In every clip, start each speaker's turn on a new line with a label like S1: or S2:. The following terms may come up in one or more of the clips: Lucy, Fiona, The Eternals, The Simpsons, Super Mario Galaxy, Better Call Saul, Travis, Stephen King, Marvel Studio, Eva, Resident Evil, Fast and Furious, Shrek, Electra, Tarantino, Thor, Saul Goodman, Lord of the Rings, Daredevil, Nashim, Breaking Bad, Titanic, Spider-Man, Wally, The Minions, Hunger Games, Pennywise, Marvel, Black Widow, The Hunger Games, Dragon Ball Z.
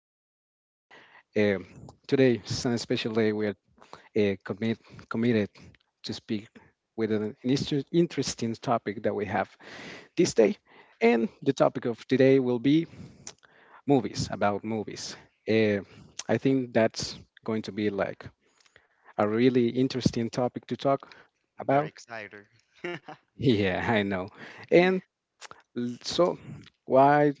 S1: Nathan here. Um, today is a special day. We are uh, commit, committed to speak with an interesting topic that we have this day. And the topic of today will be movies, about movies. Uh, I think that's going to be like a really interesting topic to talk about.
S2: Very excited.
S1: Yeah, I know. And so, why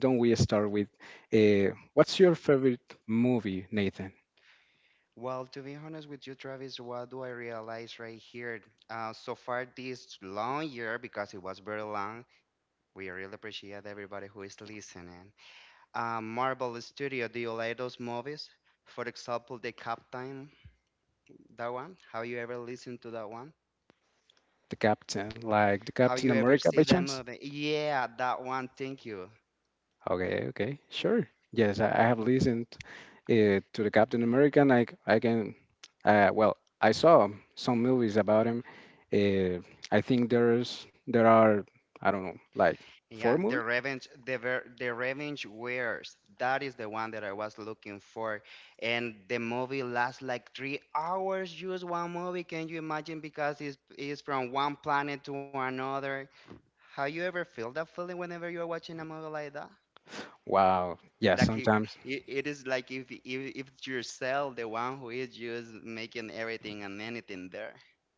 S1: don't we start with what's your favorite movie, Nathan?
S2: Well, to be honest with you, Travis, what do I realize right here? So far this long year, because it was very long, we really appreciate everybody who is listening. Marvel Studio, do you like those movies? For example, the Captain, that one. Have you ever listened to that one?
S1: The Captain, like the
S2: Have
S1: Captain
S2: you ever
S1: America by
S2: seen that
S1: chance?
S2: movie? Yeah, that one. Thank you.
S1: Okay, okay, sure. Yes, I have listened to the Captain America. And well, I saw some movies about him. Uh, I think there are, I don't know, like four
S2: Yeah, the
S1: movies.
S2: revenge, the revenge wears. That is the one that I was looking for, and the movie lasts like 3 hours. Just one movie, can you imagine? Because it's from one planet to another. Have you ever feel that feeling whenever you are watching a movie like that?
S1: Wow. Yeah,
S2: That it,
S1: sometimes.
S2: it is like if it's yourself, the one who is just making everything and anything there.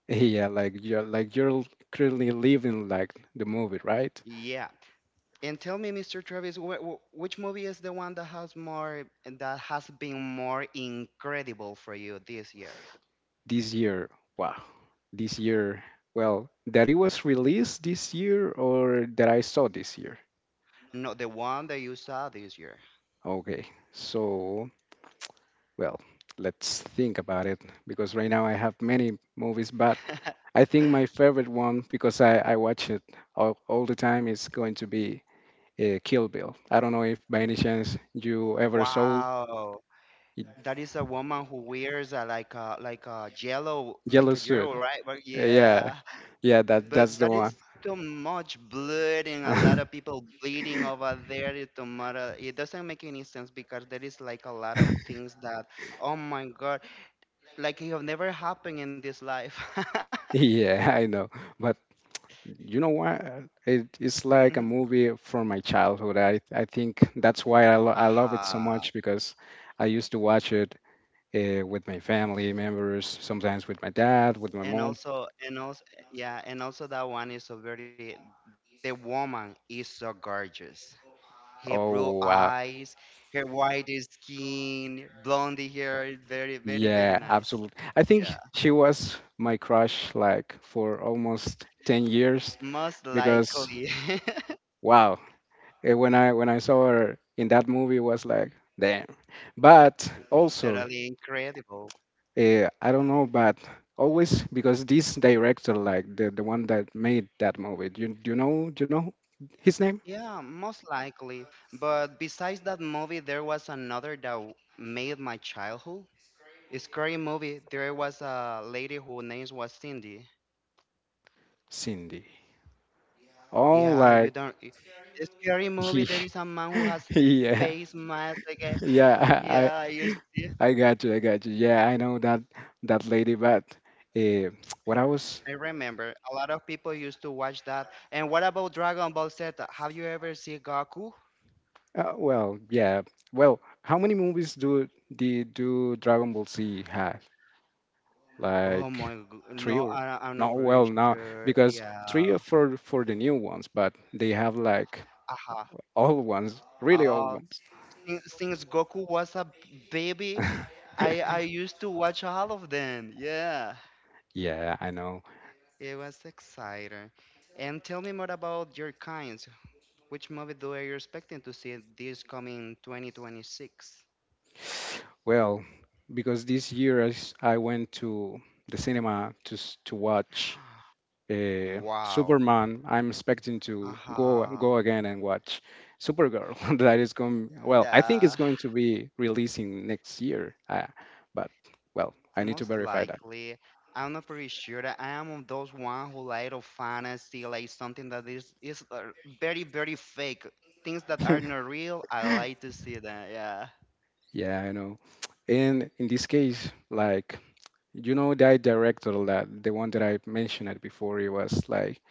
S1: Yeah, like you're currently living like the movie, right?
S2: Yeah, and tell me, Mr. Travis, wh wh which movie is the one that has more, that has been more incredible for you this year?
S1: This year, wow, this year, well, that it was released this year or that I saw this year.
S2: No, the one that you saw this year.
S1: Okay, so, well, let's think about it because right now I have many movies, but I think my favorite one, because I watch it all the time, is going to be Kill Bill. I don't know if by any chance you ever
S2: Wow.
S1: it-
S2: That is a woman who wears a, like a yellow, like
S1: Yellow
S2: a
S1: Suit.
S2: yellow, right? But
S1: Yeah,
S2: yeah.
S1: yeah, that
S2: But
S1: that's the
S2: that is
S1: one.
S2: too much blood and a lot of people bleeding over there. It, don't matter, it doesn't make any sense because there is like a lot of things that, oh my God, like it have never happened in this life.
S1: Yeah, I know. But you know what? It's
S2: Mhm.
S1: like a movie from my childhood. I think that's why I love
S2: Aha.
S1: it so much because I used to watch it with my family members, sometimes with my dad, with my mom.
S2: And also, yeah, and also that one is so very, the woman is so gorgeous. Her blue
S1: Oh,
S2: eyes,
S1: wow.
S2: her white skin, blondie hair, very, very, very
S1: Yeah,
S2: nice.
S1: absolutely. I
S2: Yeah,
S1: think she was my crush like for almost 10 years
S2: most likely.
S1: because wow, when I saw her in that movie was like, damn. But also
S2: Totally incredible.
S1: I don't know, but always because this director, like the one that made that movie, do you know his name?
S2: Yeah, most likely. But besides that movie, there was another that made my childhood. Scary movie. There was a lady who names was Cindy.
S1: Cindy. Oh,
S2: Yeah, you
S1: like
S2: don't. The scary movie.
S1: he,
S2: There is a man who has a
S1: yeah,
S2: face mask again.
S1: yeah. I
S2: Yeah, you see.
S1: I I got you, I got you. Yeah, I know that lady, but uh, what I was,
S2: I remember a lot of people used to watch that. And what about Dragon Ball Z? Have you ever seen Goku?
S1: well, yeah, well, how many movies do Dragon Ball Z have?
S2: Oh my,
S1: Like
S2: no,
S1: three or
S2: I'm not
S1: no
S2: pretty
S1: well no,
S2: sure.
S1: because three
S2: Yeah.
S1: are for the new ones but they have like
S2: Aha.
S1: old ones really old
S2: Oh,
S1: ones
S2: since Goku was a baby, I used to watch all of them. Yeah.
S1: yeah I know
S2: It was exciting. And tell me more about your kinds. Which movie do you expecting to see this coming 2026?
S1: well because this year I went to the cinema to watch
S2: Wow.
S1: Superman. I'm expecting to go
S2: Aha.
S1: go again and watch Supergirl. That is going, well, I think
S2: Yeah.
S1: it's going to be releasing next year, but well I need to
S2: Most
S1: verify that.
S2: likely. I'm not pretty sure. I am of those one who like of fantasy, like something that is very, very fake. Things that are not real, I like to see that, yeah.
S1: Yeah, I know. And in this case, like you know that director, that the one that I mentioned it before, it was like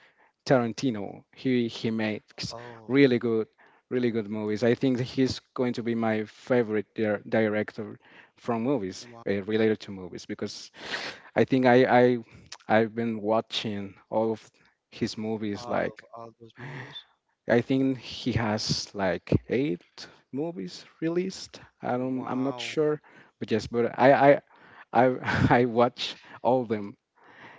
S1: Tarantino. He makes
S2: Oh,
S1: really good, really good movies. I think that he's going to be my favorite director from movies,
S2: wow.
S1: related to movies, because I think I've been watching all of his movies like
S2: All those movies?
S1: I think he has like eight movies released. I'm not
S2: Wow.
S1: sure, but yes, but I, I watch all them,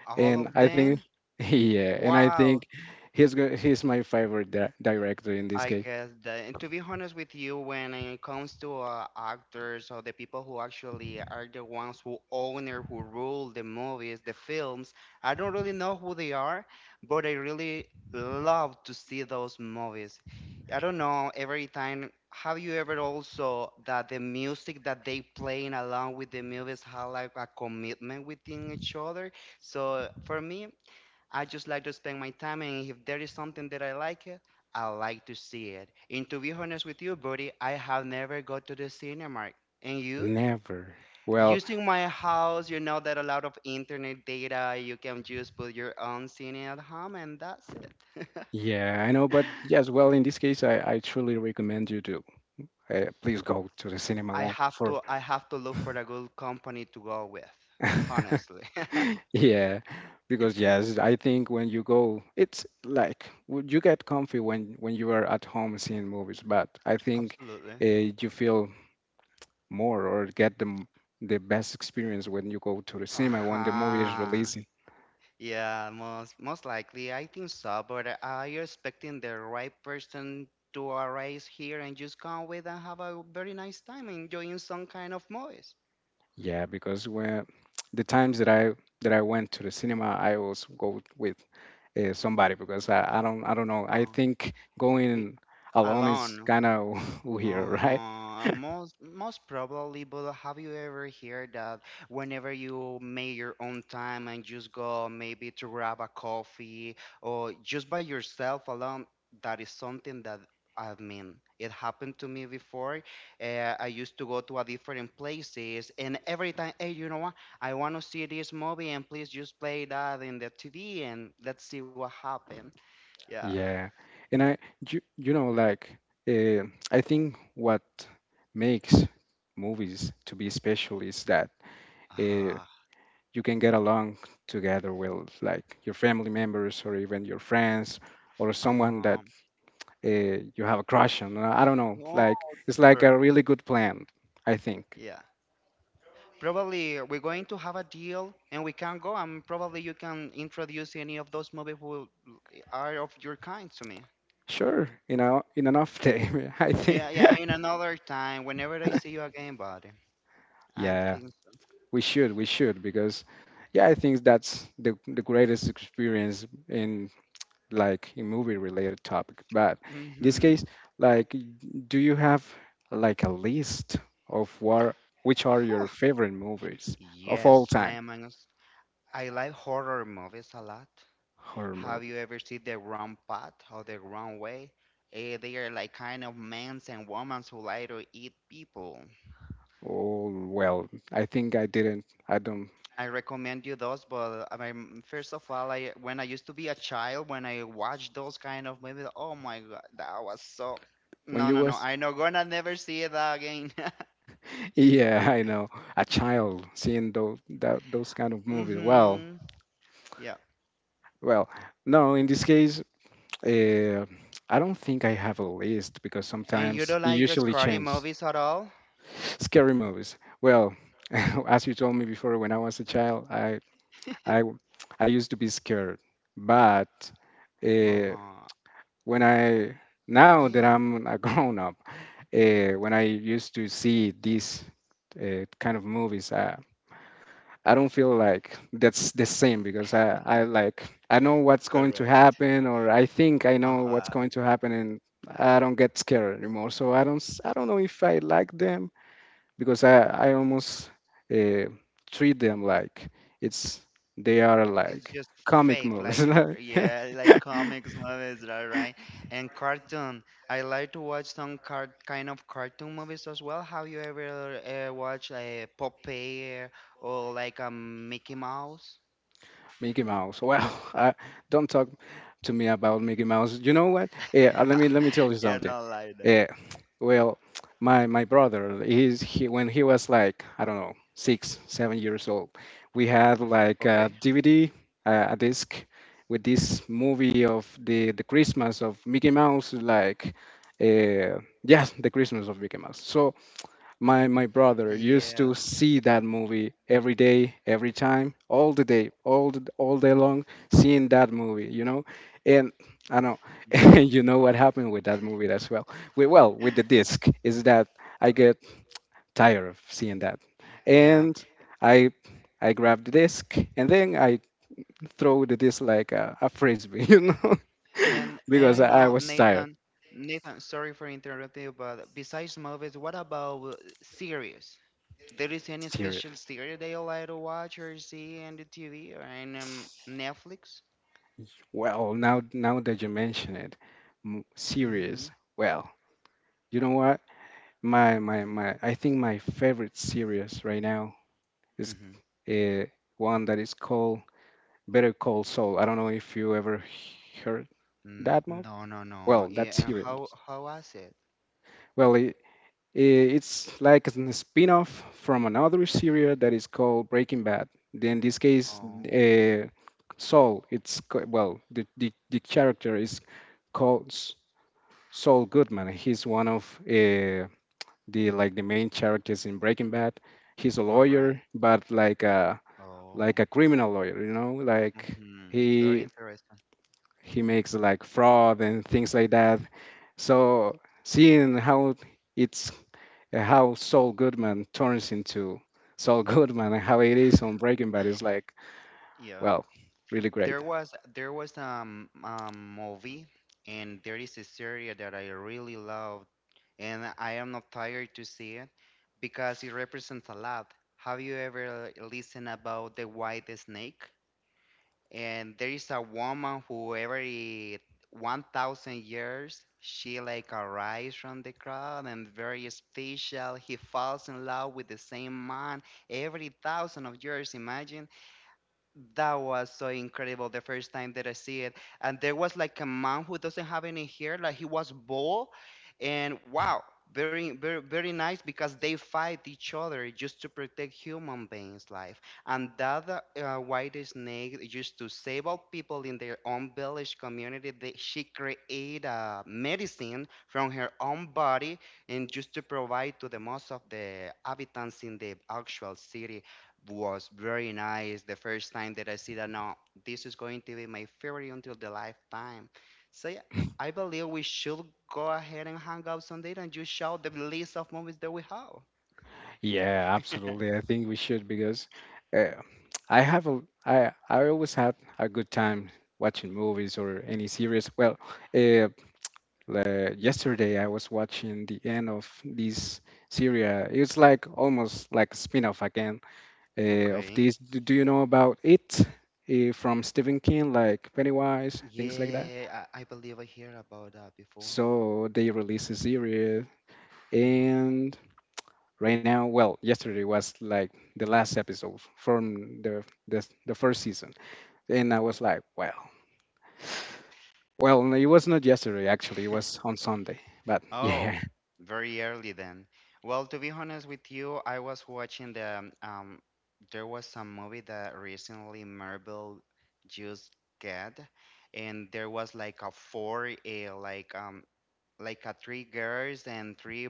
S2: All
S1: and
S2: of
S1: I think,
S2: them?
S1: yeah, and I think
S2: Wow,
S1: he's my favorite director in this
S2: I
S1: case.
S2: guess that. And to be honest with you, when it comes to actors or the people who actually are the ones who own or who rule the movies, the films, I don't really know who they are, but I really love to see those movies. I don't know, every time, have you ever also that the music that they playing along with the movies have like a commitment within each other? So for me, I just like to spend my time, and if there is something that I like it, I like to see it. And to be honest with you, buddy, I have never go to the cinema. And you?
S1: Never. Well,
S2: Using my house, you know that a lot of internet data, you can just put your own cinema at home, and that's it.
S1: yeah, I know, but yes, well, in this case, I truly recommend you to please go to the cinema one for.
S2: I have to look for a good company to go with. Honestly,
S1: Yeah, because yes, I think when you go, it's like would you get comfy when you are at home seeing movies, but I think
S2: absolutely.
S1: you feel more or get the best experience when you go to the
S2: Uh
S1: cinema when the movie is
S2: huh.
S1: releasing.
S2: Yeah, most likely, I think so. But you're expecting the right person to arrive here and just come with and have a very nice time enjoying some kind of movies.
S1: Yeah, because when the times that I went to the cinema, I always go with somebody because I don't know. I
S2: Uh,
S1: think
S2: it,
S1: going alone is
S2: alone.
S1: kind of weird, right?
S2: Uh-huh. Most probably, but have you ever heard that whenever you make your own time and just go maybe to grab a coffee or just by yourself alone, that is something that, I mean, it happened to me before. I used to go to a different places, and every time, hey, you know what? I want to see this movie, and please just play that in the TV, and let's see what happened. Yeah.
S1: Yeah, and I, you know, like uh, I think what makes movies to be special is that uh,
S2: Uh-huh.
S1: you can get along together with like your family members or even your friends or someone that
S2: Uh-huh.
S1: you have a crush on. I don't know, like
S2: Oh,
S1: it's like
S2: super.
S1: a really good plan, I
S2: Yeah.
S1: think.
S2: Probably we're going to have a deal and we can go and probably you can introduce any of those movies who are of your kind to me.
S1: Sure, in an off day, I think.
S2: Yeah, yeah, in another time, whenever I see you again, buddy. I
S1: Yeah,
S2: think so.
S1: we should, because yeah, I think that's the greatest experience in like a movie related topic. But in this
S2: Mm-hmm.
S1: case, like, do you have like a list of what which are
S2: Huh.
S1: your favorite movies of all
S2: Yes,
S1: time?
S2: I like horror movies a lot.
S1: Horror
S2: Have you
S1: movies.
S2: ever seen The Wrong Path or The Wrong Way? Eh, they are like kind of men's and women's who like to eat people.
S1: Oh, well, I think I didn't. I don't.
S2: I recommend you those, but I mean, first of all, I when I used to be a child, when I watched those kind of movies, oh my god, that was so.
S1: When
S2: No,
S1: you
S2: no, no,
S1: was,
S2: I'm not gonna never see it again.
S1: yeah, I know, a child seeing those kind of movies.
S2: Mm-hmm.
S1: Well,
S2: Yeah.
S1: well, no, in this case, uh, I don't think I have a list because
S2: And you
S1: sometimes
S2: don't
S1: it
S2: like
S1: usually
S2: scary
S1: change.
S2: movies at all?
S1: Scary movies. Well, as you told me before, when I was a child, I I used to be scared, but
S2: Uh
S1: uh,
S2: huh.
S1: when I now
S2: Yeah.
S1: that I'm a grown up, when I used to see these kind of movies, I don't feel like that's the same because I know what's going to
S2: Correct.
S1: happen or I think I
S2: Uh
S1: know
S2: huh.
S1: what's going to happen and I don't get scared anymore. So I don't know if I like them because I almost uh, treat them like it's they are
S2: It's
S1: like
S2: just
S1: comic
S2: fake, like,
S1: movies. like,
S2: yeah, like comics movies, right, right, and cartoon. I like to watch some cart kind of cartoon movies as well. Have you ever watched a Popeye or like a Mickey Mouse?
S1: Mickey Mouse. Well, Don't talk to me about Mickey Mouse. You know what? Yeah, let me tell you
S2: Yeah, not
S1: something.
S2: like that.
S1: Yeah, well, my brother, he when he was like I don't know 6 or 7 years old, we had
S2: Okay.
S1: like a DVD, a disc with this movie of the Christmas of Mickey Mouse, like yes, the Christmas of Mickey Mouse. So my brother
S2: Yes,
S1: used to see that movie every day, every time, all the day, all day long, seeing that movie, and I know,
S2: yeah,
S1: and you know what happened with that movie as well. With the disc is that I get tired of seeing that,
S2: yeah.
S1: and I I grab the disc and then I throw the disc like a frisbee, you know,
S2: And and I
S1: because I,
S2: know
S1: I was tired.
S2: Nathan, Nathan, sorry for interrupting you, but besides movies, what about series? There is any
S1: Serious.
S2: special series that you like to watch or see on the TV or in Netflix?
S1: Well, now that you mention it,
S2: Mm-hmm.
S1: serious. Well, you know what? My. I think my favorite series right now is
S2: Mm-hmm.
S1: uh, one that is called Better Call Saul. I don't know if you ever heard
S2: Mm,
S1: that movie.
S2: no, no, no.
S1: Well,
S2: Yeah,
S1: that
S2: and
S1: series.
S2: how was it?
S1: Well, it's like a spin-off from another series that is called Breaking Bad. In this case,
S2: Oh,
S1: Saul. Well, the character is called Saul Goodman. He's one of uh, the main characters in Breaking Bad. He's a
S2: all right.
S1: lawyer, but like a
S2: Oh.
S1: like a criminal lawyer, like
S2: Mm-hmm. Very
S1: he
S2: interesting.
S1: he makes like fraud and things like that. So seeing it's how Saul Goodman turns into Saul Goodman and how it is on Breaking Bad is like,
S2: Yeah.
S1: well, really great.
S2: There was movie and there is a series that I really loved and I am not tired to see it because it represents a lot. Have you ever listened about the white snake? And there is a woman who every 1000 years she like arise from the crowd and very special, he falls in love with the same man every thousand of years. Imagine, that was so incredible the first time that I see it. And there was like a man who doesn't have any hair, like he was bald. And wow, very, very, very nice because they fight each other just to protect human beings' life. And that white snake used to save all people in their own village community. She created a medicine from her own body and just to provide to the most of the inhabitants in the actual city. Was very nice the first time that I see that. No, this is going to be my favorite until the lifetime. So yeah, I believe we should go ahead and hang out someday and you show the list of movies that we have.
S1: Yeah, absolutely. I think we should because uh, I always have a good time watching movies or any series. Well, uh, yesterday, I was watching the end of this series. It's like almost like a spin-off again of
S2: Okay.
S1: this. Do you know about it from Stephen King, like Pennywise, things like that?
S2: Yeah, I believe I heard about that before.
S1: So they released a series,
S2: Wow.
S1: and right now, well, yesterday was like the last episode from the first season, and I was like, wow. Well, no, it was not yesterday, actually. It was on Sunday. But
S2: Oh,
S1: yeah,
S2: very early then. Well, to be honest with you, I was watching the there was some movie that recently Marvel just get and there was like a four a like a three girls and three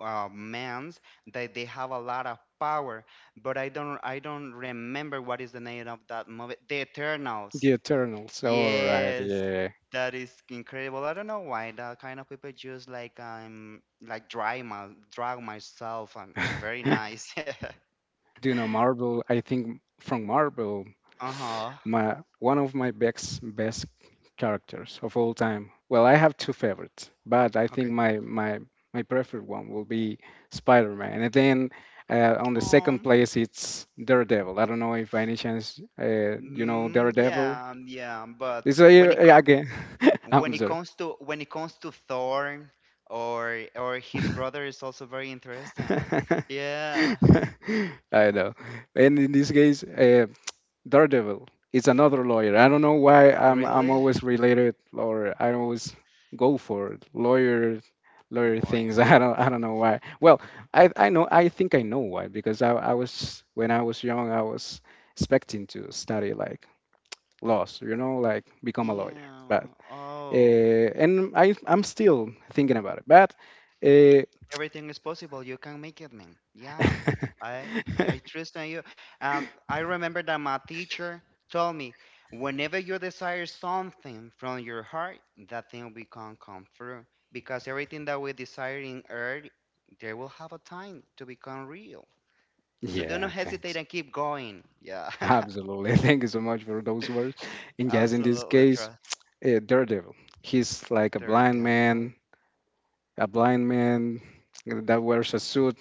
S2: men's that they have a lot of power, but I don't remember what is the name of that movie. The Eternals.
S1: the Eternals. All right.
S2: Yes,
S1: Yeah.
S2: that is incredible. I don't know why that kind of people just like drag my drag myself and very nice.
S1: Do you know Marvel? I think from Marvel,
S2: Uh-huh.
S1: my one of my best characters of all time. Well, I have two favorites, but I think
S2: Okay.
S1: my preferred one will be Spider-Man, and then on the second
S2: Um
S1: place it's Daredevil. I don't know if by any chance you know Daredevil.
S2: yeah, yeah, but
S1: Is again? I'm sorry.
S2: when it comes to Thor or
S1: I
S2: his brother is also very interesting. Yeah.
S1: know. And in this case, Daredevil is another lawyer. I don't know why I'm
S2: Really?
S1: always related or I always go for lawyer things.
S2: Lawyers.
S1: I don't know why. Well, I know I think I know why because I was when I was young I was expecting to study like laws, like become a lawyer. But
S2: Yeah. Oh.
S1: and I'm still thinking about it. But uh,
S2: Everything is possible. You can make it, man. Yeah. I I trust in you. I remember that my teacher told me, whenever you desire something from your heart, that thing will come through. Because everything that we desire in earth, there will have a time to become real. So do not
S1: yeah,
S2: hesitate
S1: thanks.
S2: and keep going. Yeah.
S1: Absolutely. Thank you so much for those words. And yes, in this
S2: Absolutely
S1: case,
S2: trust
S1: Daredevil. He's like
S2: Daredevil.
S1: a blind man that wears a suit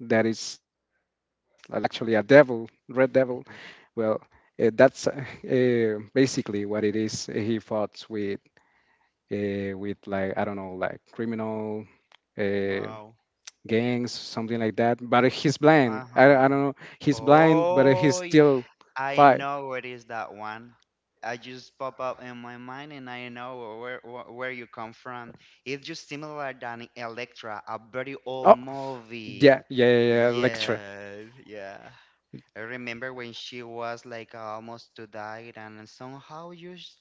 S1: that is like, well, actually a devil, red devil.
S2: Mhm.
S1: Well, that's basically what it is. He foughts with like I don't know, like criminal, eh,
S2: Wow.
S1: gangs, something like that. But he's blind. I
S2: Uh-huh.
S1: don't know. He's blind, but he's
S2: Oh,
S1: still
S2: I
S1: fight.
S2: know what is that one. I just pop up in my mind, and I know where you come from. It's just similar than Electra, a very old
S1: Oh, yeah,
S2: movie.
S1: yeah, yeah, yeah, Electra.
S2: Yes, yeah. I remember when she was like almost to die, and somehow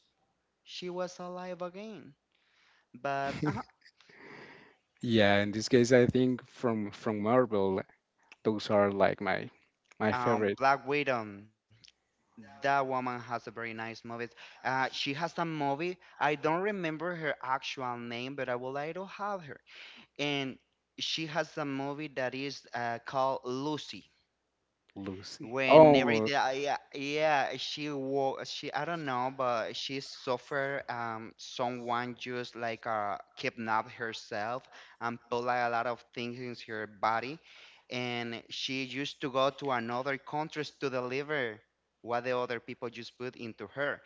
S2: she was alive again. But
S1: Yeah, in this case, I think from Marvel, those are like my favorite.
S2: Black Widow, that woman has a very nice movies. She has a movie. I don't remember her actual name, but I would like to have her. And she has a movie that is called Lucy.
S1: Lucy.
S2: When every
S1: Oh,
S2: day, yeah, yeah, she, I don't know, but she suffered, someone just like, kidnapped herself and put like a lot of things in her body. And she used to go to another country to deliver what the other people just put into her,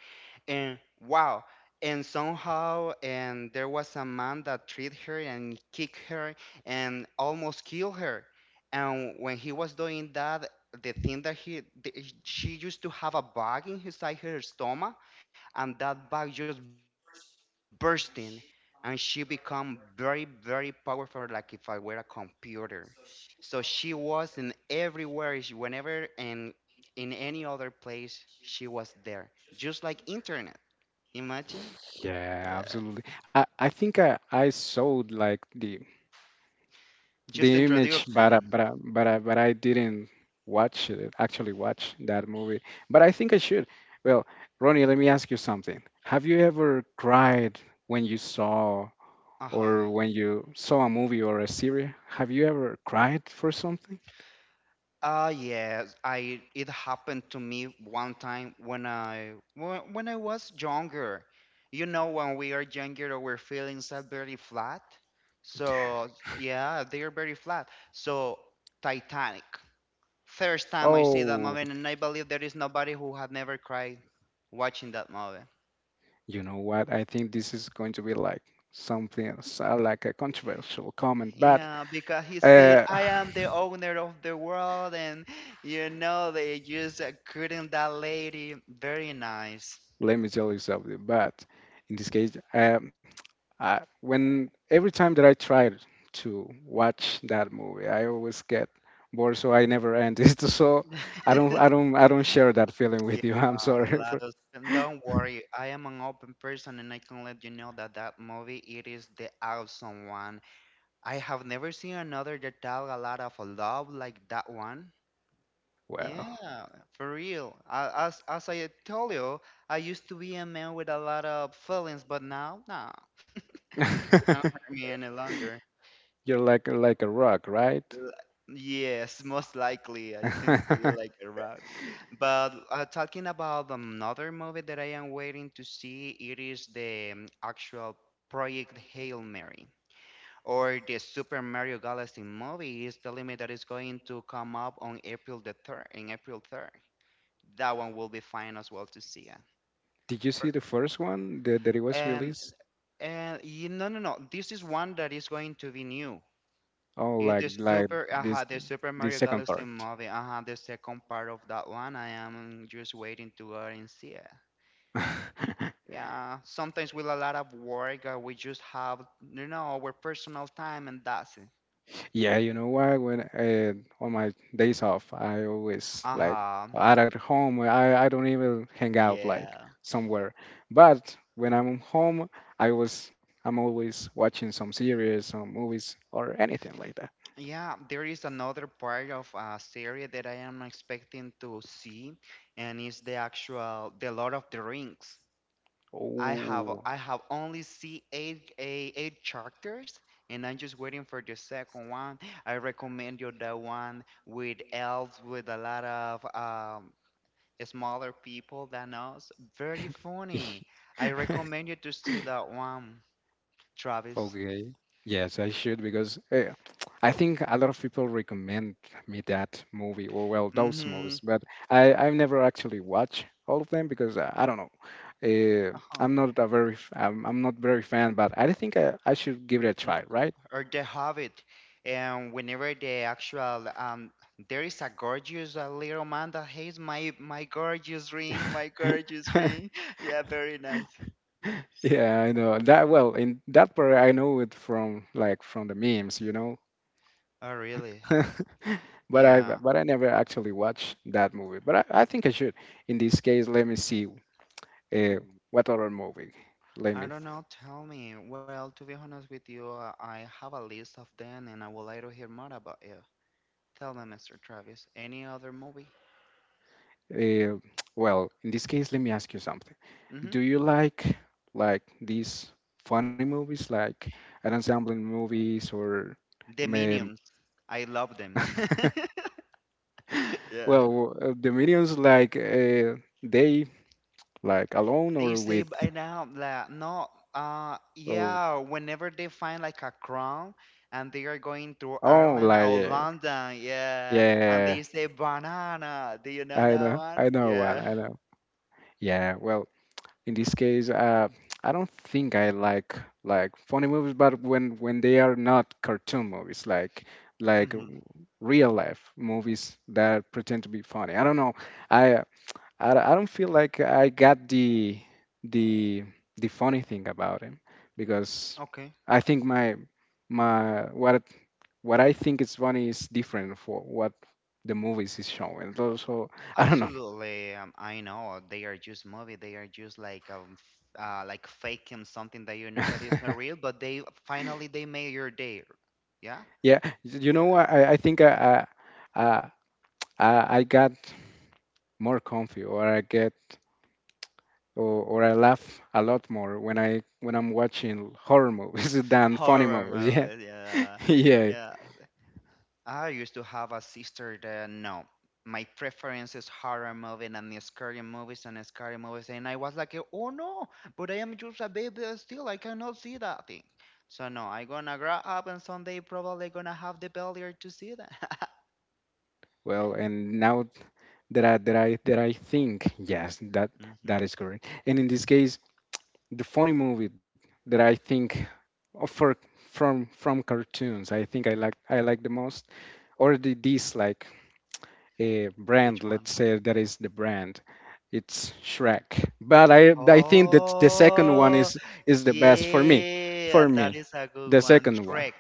S2: and wow, and somehow, and there was a man that treat her and kick her and almost kill her. And when he was doing that, the thing that she used to have a bug inside her stomach, and that bug just bursting and she become very very powerful like if I were a computer. So she was in everywhere she, whenever and in any other place she was there just like internet. Imagine?
S1: yeah,
S2: Yeah.
S1: absolutely. I think I saw like the
S2: Just the
S1: the image, but
S2: introduction.
S1: I, but I, but I, but I didn't actually watch that movie. But I think I should. Well, Ronnie, let me ask you something. Have you ever cried when you saw
S2: Uh-huh.
S1: or when you saw a movie or a series? Have you ever cried for something?
S2: Ah yes, I it happened to me one time when I was younger. You know, when we are younger, our feelings are very flat. So yeah, they are very flat. So Titanic. First time I see that
S1: Oh,
S2: movie, and I believe there is nobody who had never cried watching that movie.
S1: you know what? I think this is going to be like something else, like a controversial comment, but
S2: Yeah, because he said,
S1: uh,
S2: I am the owner of the world, and you know, they just couldn't that lady. Very nice.
S1: let me tell you something. But in this case, when every time that I tried to watch that movie, I always get bored, so I never end it. So I don't, I don't, I don't share that feeling
S2: Yeah,
S1: with you. I'm
S2: a
S1: sorry
S2: lot
S1: for.
S2: of and don't worry. I am an open person, and I can let you know that that movie it is the awesome one. I have never seen another that tell a lot of love like that one.
S1: Well,
S2: Yeah, for real. As I told you, I used to be a man with a lot of feelings, but now, nah. Without her me any longer.
S1: you're like a rock, right?
S2: L- Yes, most likely. It seems to be like a rock. But talking about another movie that I am waiting to see, it is the actual Project Hail Mary. Or the Super Mario Galaxy movie is telling me that it's going to come up on April the 3rd, in April 3rd. That one will be fine as well to see.
S1: Did you see
S2: For-
S1: the first one that it was
S2: And,
S1: released?
S2: and no, no, no. This is one that is going to be new.
S1: Oh,
S2: It's
S1: like
S2: the
S1: like this
S2: Super
S1: this
S2: Mario
S1: second
S2: Galaxy
S1: part.
S2: movie, the second part of that one. I am just waiting to go and see it. Yeah, sometimes with a lot of work, we just have, you know, our personal time and that's it.
S1: Yeah, you know what? When on my days off, I always like
S2: Uh-huh.
S1: out at home. I don't even hang out
S2: Yeah.
S1: like somewhere. But when I'm home, I'm always watching some series, some movies, or anything like that.
S2: Yeah, there is another part of a series that I am expecting to see, and it's the actual, the Lord of the Rings. I have
S1: Oh,
S2: I have only see eight chapters, and I'm just waiting for the second one. I recommend you the one with elves with a lot of smaller people than us. Very funny. I recommend you to see that one, Travis.
S1: okay. Yes, I should because I think a lot of people recommend me that movie or well those
S2: Mm-hmm.
S1: movies, but I've never actually watched all of them because I don't know. Uh,
S2: Uh-huh.
S1: I'm not a very f- I'm not very fan, but I think I should give it a
S2: Mm,
S1: try, right?
S2: Or The Hobbit. And whenever the actual there is a gorgeous little man that hates my gorgeous ring, my gorgeous ring. Yeah, very nice.
S1: Yeah, I know that. Well, in that part, I know it from the memes.
S2: Oh, really?
S1: But I
S2: Yeah.
S1: but I never actually watched that movie. But I think I should. In this case, let me see.
S2: I
S1: Uh, what other movie? Let me.
S2: I don't know. Tell me. Well, to be honest with you, I have a list of them and I would like to hear more about you. Tell me, Mr. Travis, any other movie?
S1: Uh, well, in this case, let me ask you something.
S2: Mm-hmm.
S1: Do you like these funny movies, like an ensemble movies, or
S2: The
S1: um,
S2: Minions. I love them. Yeah.
S1: well, the minions like they like alone
S2: They
S1: or
S2: say
S1: with
S2: by now that no,
S1: or
S2: yeah, whenever they find like a crown and they are going through
S1: oh
S2: Ireland
S1: like
S2: or
S1: yeah,
S2: London, yeah, and
S1: yeah
S2: they say banana. Do you know
S1: I
S2: that
S1: know
S2: one?
S1: one
S2: Yeah.
S1: I know yeah well in this case, I don't think I like funny movies, but when they are not cartoon movies, like
S2: Mm-hmm.
S1: real life movies that pretend to be funny. I don't know. I I don't feel like I got the the funny thing about him because
S2: Okay.
S1: I think my my what I think is funny is different for what the movies is showing. So, I don't know.
S2: Absolutely, I know they are just movie. They are just like like faking something that you know that is not real, but they finally they made your day. Yeah.
S1: Yeah,
S2: Yeah,
S1: I, I think I, I, I, I I got more comfy, or I laugh a lot more when I'm watching horror movies than funny
S2: horror
S1: movies. Yeah,
S2: movies. Yeah,
S1: yeah.
S2: yeah. I used to have a sister that no, my preference is horror movie and scary movies and scary movies, and I was like, oh no, but I am just a baby still. I cannot see that thing. So no, I gonna grow up and someday probably gonna have the failure to see that.
S1: Well, and now that I think, yes, that is correct. And in this case, the funny movie that I think of for from cartoons, I think I like the most, or the dislike a brand,
S2: Which one?
S1: let's say that is the brand. It's Shrek. But I think that the second one
S2: Oh,
S1: is the best for me.
S2: yeah,
S1: For
S2: that
S1: me,
S2: is a good
S1: the
S2: one.
S1: second one.
S2: Trek.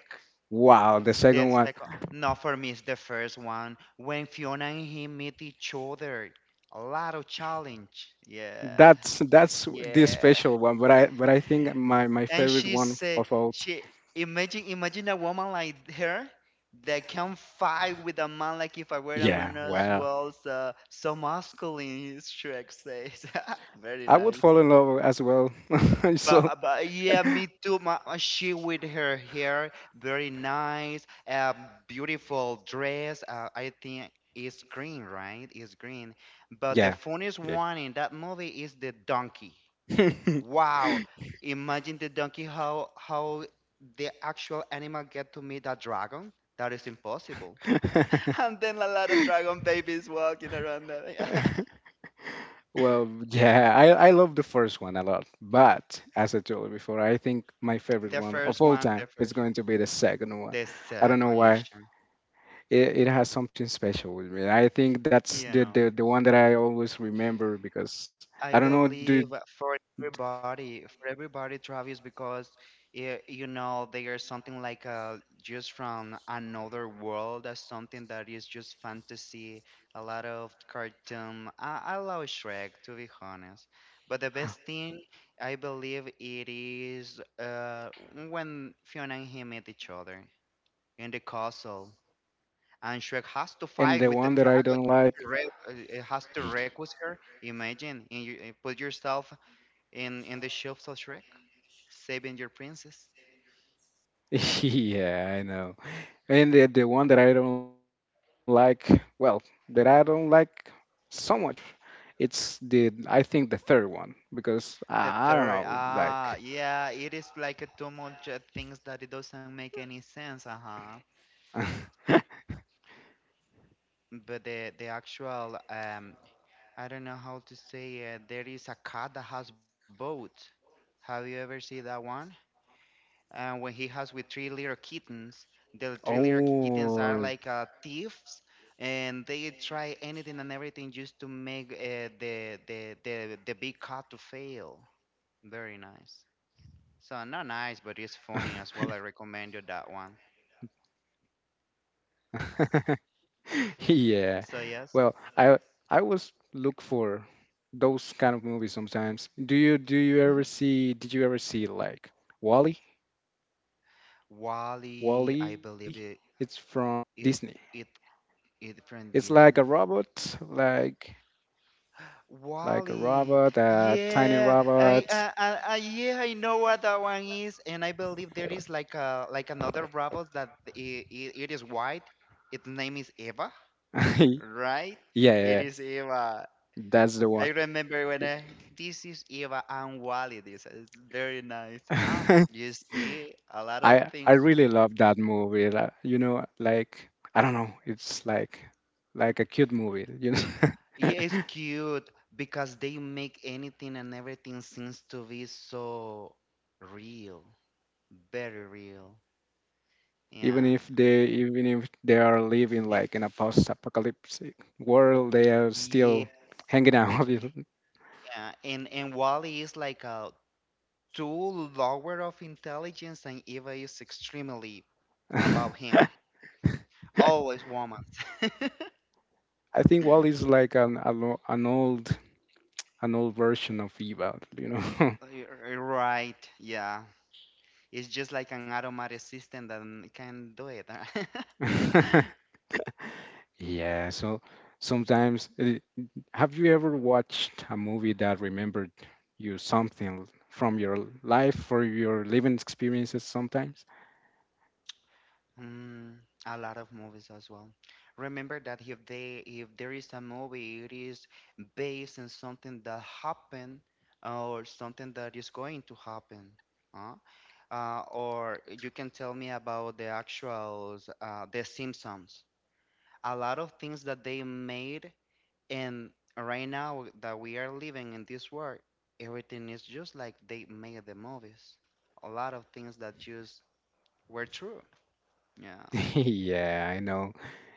S1: Wow, the
S2: The
S1: second one.
S2: second, no, for me, it's the first one. When Fiona and him meet each other, a lot of challenge. Yeah,
S1: That's the
S2: yeah.
S1: special one. But I think my
S2: And
S1: favorite
S2: she
S1: one
S2: say,
S1: of all.
S2: she imagine, imagine a woman like her that can fight with a man like if I were a
S1: Yeah,
S2: man as
S1: well,
S2: well. So, so masculine, Shrek says. Very
S1: I would
S2: nice.
S1: fall in love as well.
S2: But,
S1: So
S2: yeah, me too. Ma She with her hair, very nice, beautiful dress. I think it's green, right? It's green. But
S1: yeah,
S2: the funniest
S1: yeah.
S2: one in that movie is the donkey. Wow! Imagine the donkey how the actual animal get to meet a dragon. That is impossible. And then a lot of dragon babies walking around. The,
S1: Well, yeah, I love the first one a lot, but as I told you before, I think my favorite
S2: the
S1: one of all
S2: first
S1: time
S2: one, the
S1: is going
S2: first
S1: to
S2: one,
S1: be the second one.
S2: the
S1: I don't know
S2: second,
S1: why.
S2: you sure?
S1: It has something special with me. I think that's the, the
S2: Yeah.
S1: the one that I always remember because I
S2: I
S1: don't know, dude.
S2: believe for everybody, Travis, because they are something like just from another world, as something that is just fantasy, a lot of cartoon. I love Shrek, to be honest. But the best thing, I believe, it is when Fiona and he meet each other in the castle and Shrek has to
S1: And
S2: fight
S1: the
S2: with the
S1: one that I don't
S2: dragon
S1: like,
S2: has to request her. Imagine and you, put yourself in the shoes of Shrek, saving your princess.
S1: yeah, I know. And the one that I don't like, well, that I don't like so much, it's the third one because I don't
S2: The
S1: know,
S2: third,
S1: like.
S2: ah, yeah, it is like a too much things that it doesn't make any sense, uh huh. But the actual, I don't know how to say it. There is a cat that has both. Have you ever seen that one? And when he has with three little kittens, the three little kittens are
S1: Oh,
S2: like thieves, and they try anything and everything just to make the big cat to fail. Very nice. So not nice, but it's funny as well. I recommend you that one.
S1: yeah.
S2: So
S1: Well,
S2: yes,
S1: I always look for those kind of movies sometimes. Do you ever see? Did you ever see like Wally?
S2: Wally, I
S1: Wally,
S2: believe
S1: it's from
S2: it
S1: Disney.
S2: it it from
S1: It's like a
S2: Disney.
S1: robot, like like a
S2: Wally.
S1: robot, a tiny
S2: Yeah,
S1: robot.
S2: yeah, I know what that one is, and I believe there is like a like another robot that it is white. Its name is Eva, right?
S1: Yeah, yeah,
S2: It
S1: yeah.
S2: is Eva.
S1: That's the
S2: I
S1: one.
S2: remember when I, this is Eva and Wally. This is very nice. You see a lot of
S1: I
S2: things.
S1: really love that movie. Like I don't know, it's like a cute movie. You know,
S2: Yeah, it's cute because they make anything and everything seems to be so real, very real. Yeah.
S1: even if they are living
S2: Yeah,
S1: like in a post-apocalyptic world, they are
S2: yeah,
S1: still hanging out.
S2: and Wally is like a two lower of intelligence, and Eva is extremely above him. Always woman.
S1: I think Wall is like an old version of Eva.
S2: Right, yeah. It's just like an automatic system that can do it.
S1: Yeah. So sometimes. Have you ever watched a movie that remembered you something from your life or your living experiences sometimes?
S2: Mm, a lot of movies as well. Remember that if they if there is a movie, it is based on something that happened or something that is going to happen. Huh? Or you can tell me about the actuals, the Simpsons. A lot of things that they made, and right now that we are living in this world, everything is just like they made the movies. A lot of things that just were true. Yeah.
S1: Yeah, I know.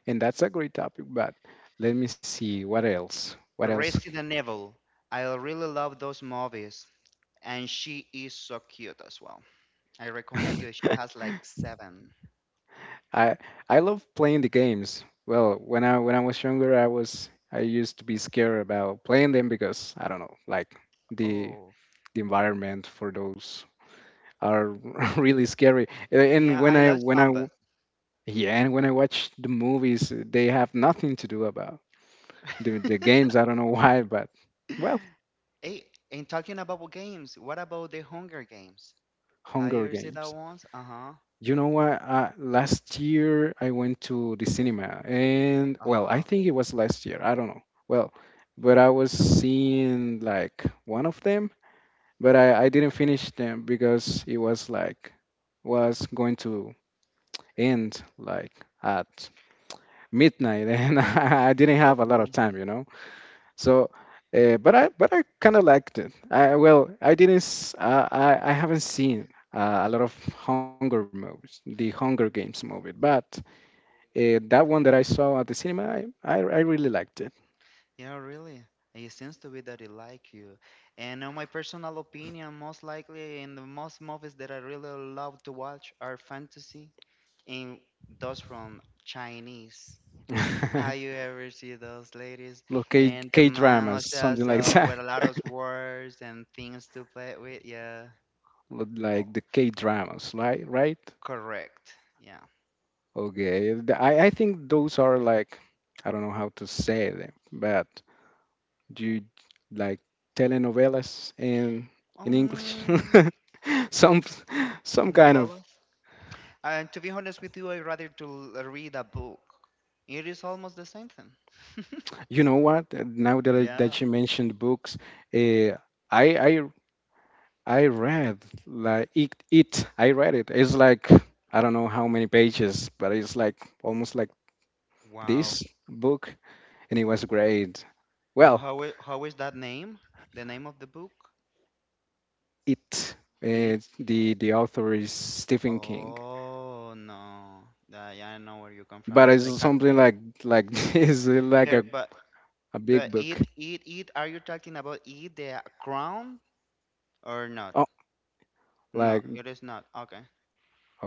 S1: And that's a great topic, but let me see what else. What else?
S2: Resident Evil. I really love those movies, and she is so cute as well. I recommend you. She has like seven.
S1: I I love playing the games. Well, when I was younger, I used to be scared about playing them because I don't know, like the
S2: Oh,
S1: the environment for those are really scary. And
S2: yeah, I love
S1: when I
S2: zombies.
S1: yeah, and when I watch the movies, they have nothing to do about the games. I don't know why, but well,
S2: Hey, and talking about games, what about the Hunger Games? Have
S1: Hunger
S2: you seen
S1: Games.
S2: that ones? Uh-huh.
S1: You know what? Last year I went to the cinema, and well, I
S2: Uh-huh.
S1: think it was last year. I don't know. Well, but I was seeing like one of them, but I didn't finish them because it was going to end like at midnight, and I didn't
S2: So
S1: have a lot of
S2: cool.
S1: time. So, but I kind of liked it. I Well, I didn't. I haven't seen a lot of Hunger movies, the Hunger Games movie, but that one that I saw at the cinema, I really liked it.
S2: Yeah, really. It seems to be that it like you. And in my personal opinion, most likely in the most movies that I really love to watch are fantasy and those from Chinese. Have you ever see those ladies
S1: Look, K
S2: and the
S1: K
S2: man
S1: dramas, something like
S2: also
S1: that,
S2: with a lot of words and things to play with? Yeah.
S1: look
S2: Oh,
S1: like the K dramas, right? Right?
S2: correct. Yeah.
S1: Okay. I think those are like I don't know how to say them, but do you like telenovelas in English?
S2: Um,
S1: some Some kind of,
S2: Novellas. And to be honest with you, I rather to read a book. It is almost the same thing.
S1: you know what, now that
S2: Yeah.
S1: that you mentioned books, uh, i i I read it. It's like I don't know how many pages, but it's like almost like
S2: Wow.
S1: this book, and it was great.
S2: And
S1: Well,
S2: how is that name? The name of the book?
S1: it
S2: It.
S1: the author is Stephen King,
S2: Oh no. Yeah, yeah, I know where you come from.
S1: but
S2: It's
S1: it's
S2: like a
S1: something like this, like
S2: There,
S1: a,
S2: but
S1: a big
S2: it
S1: book.
S2: it it. Are you talking about it, the crown, or not?
S1: Oh,
S2: No,
S1: like,
S2: it is not. Okay.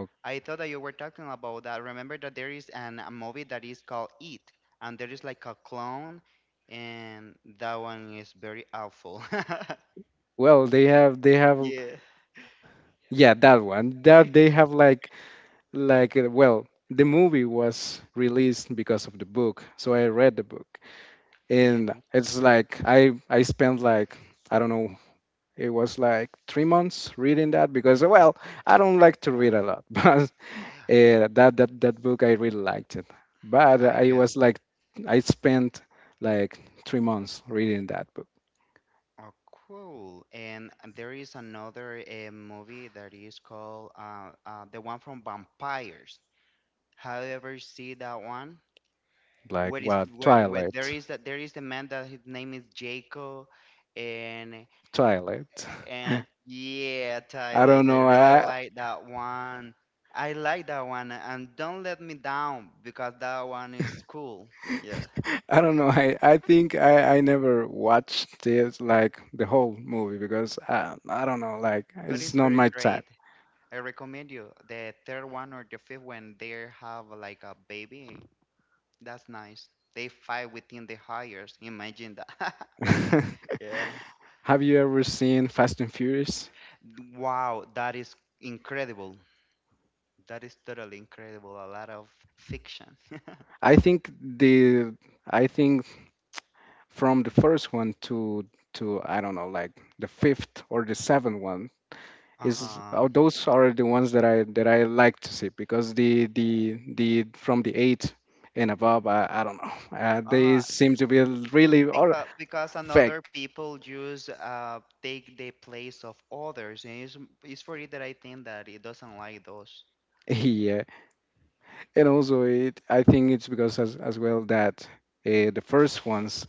S1: oh,
S2: I thought that you were talking about that. Remember that there is an a movie that is called It, and there is like a clone, and that one is very awful.
S1: well, they have,
S2: Yeah.
S1: yeah, that one. That they have like well, the movie was released because of the book, so I read the book,
S2: You
S1: and
S2: do?
S1: it's like I spent like I don't know, it was like 3 months reading that because
S2: Mhm.
S1: well, I don't like to read a
S2: Yeah.
S1: lot, but that book I really liked it. But
S2: I
S1: I
S2: guess
S1: was
S2: that.
S1: like I spent like 3 months reading that book,
S2: Oh, cool. And there is another movie that is called the one from vampires. Have you ever see that one
S1: like
S2: where
S1: what,
S2: there
S1: Twilight,
S2: is that there is the man that his name is Jacob and
S1: Twilight.
S2: and yeah
S1: I
S2: Tyler.
S1: don't
S2: They
S1: know.
S2: really
S1: I,
S2: like that one. I like that one, and don't let me down, because that one is cool. Yeah,
S1: I don't know. I think I never watched this like the whole movie because I don't know, like
S2: but
S1: it's
S2: it's
S1: not
S2: very
S1: my type.
S2: great. I recommend you the third one or the fifth, when they have like a baby. That's nice. They fight within the hires, imagine that. Yeah.
S1: Have you ever seen Fast and Furious?
S2: Wow, that is incredible. That is totally incredible. A lot of fiction.
S1: I think I think from the first one to I don't know, like the fifth or the seventh one is,
S2: Uh-huh.
S1: oh, those are the ones that I like to see because the from the eight and above I don't know, they
S2: Uh-huh.
S1: seem to be really or
S2: Because another
S1: fact
S2: people just take the place of others, and it's for it that I think that it doesn't like those.
S1: here. And also, it I think it's because, as well that the first ones,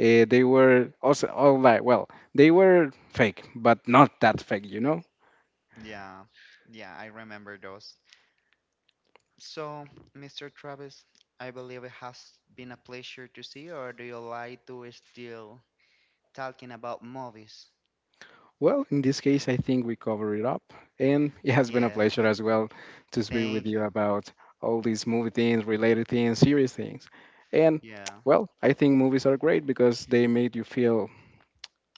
S1: they were also all like well they were fake but not that fake,
S2: Yeah, yeah, I remember those. So, Mr. Travis, I believe it has been a pleasure to see you, or do you like to still talking about movies?
S1: well, in this case, I think we cover it up, and it has been a
S2: Yeah,
S1: pleasure as well to speak with
S2: thank
S1: you
S2: you.
S1: about all these movie things, related things, series things. And
S2: Yeah.
S1: well, I think movies are great because they made you feel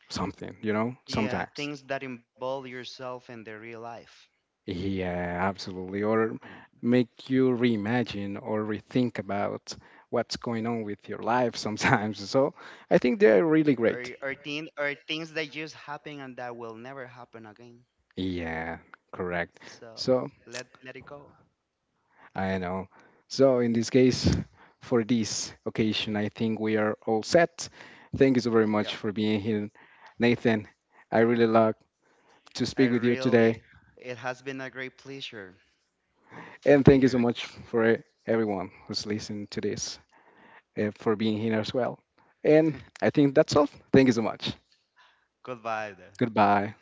S1: something,
S2: Yeah,
S1: sometimes.
S2: things that involve yourself in the real life.
S1: Yeah, absolutely. Or
S2: hmm
S1: make you reimagine or rethink about what's going on with your life sometimes. So I think they're
S2: Or
S1: really
S2: or
S1: great.
S2: things that just happen and that will never happen again.
S1: Yeah, correct.
S2: So
S1: So
S2: let it go.
S1: I know. So in this case, for this occasion, I think we are all set. Thank you so very
S2: Yep.
S1: much for being here, Nathan. I really love to
S2: I
S1: speak with you
S2: really,
S1: today.
S2: it has been a great pleasure to
S1: And
S2: be
S1: thank you
S2: here.
S1: so much for everyone who's listening to this, for being here as well. And I think that's all. Thank you so much.
S2: Goodbye.
S1: Goodbye.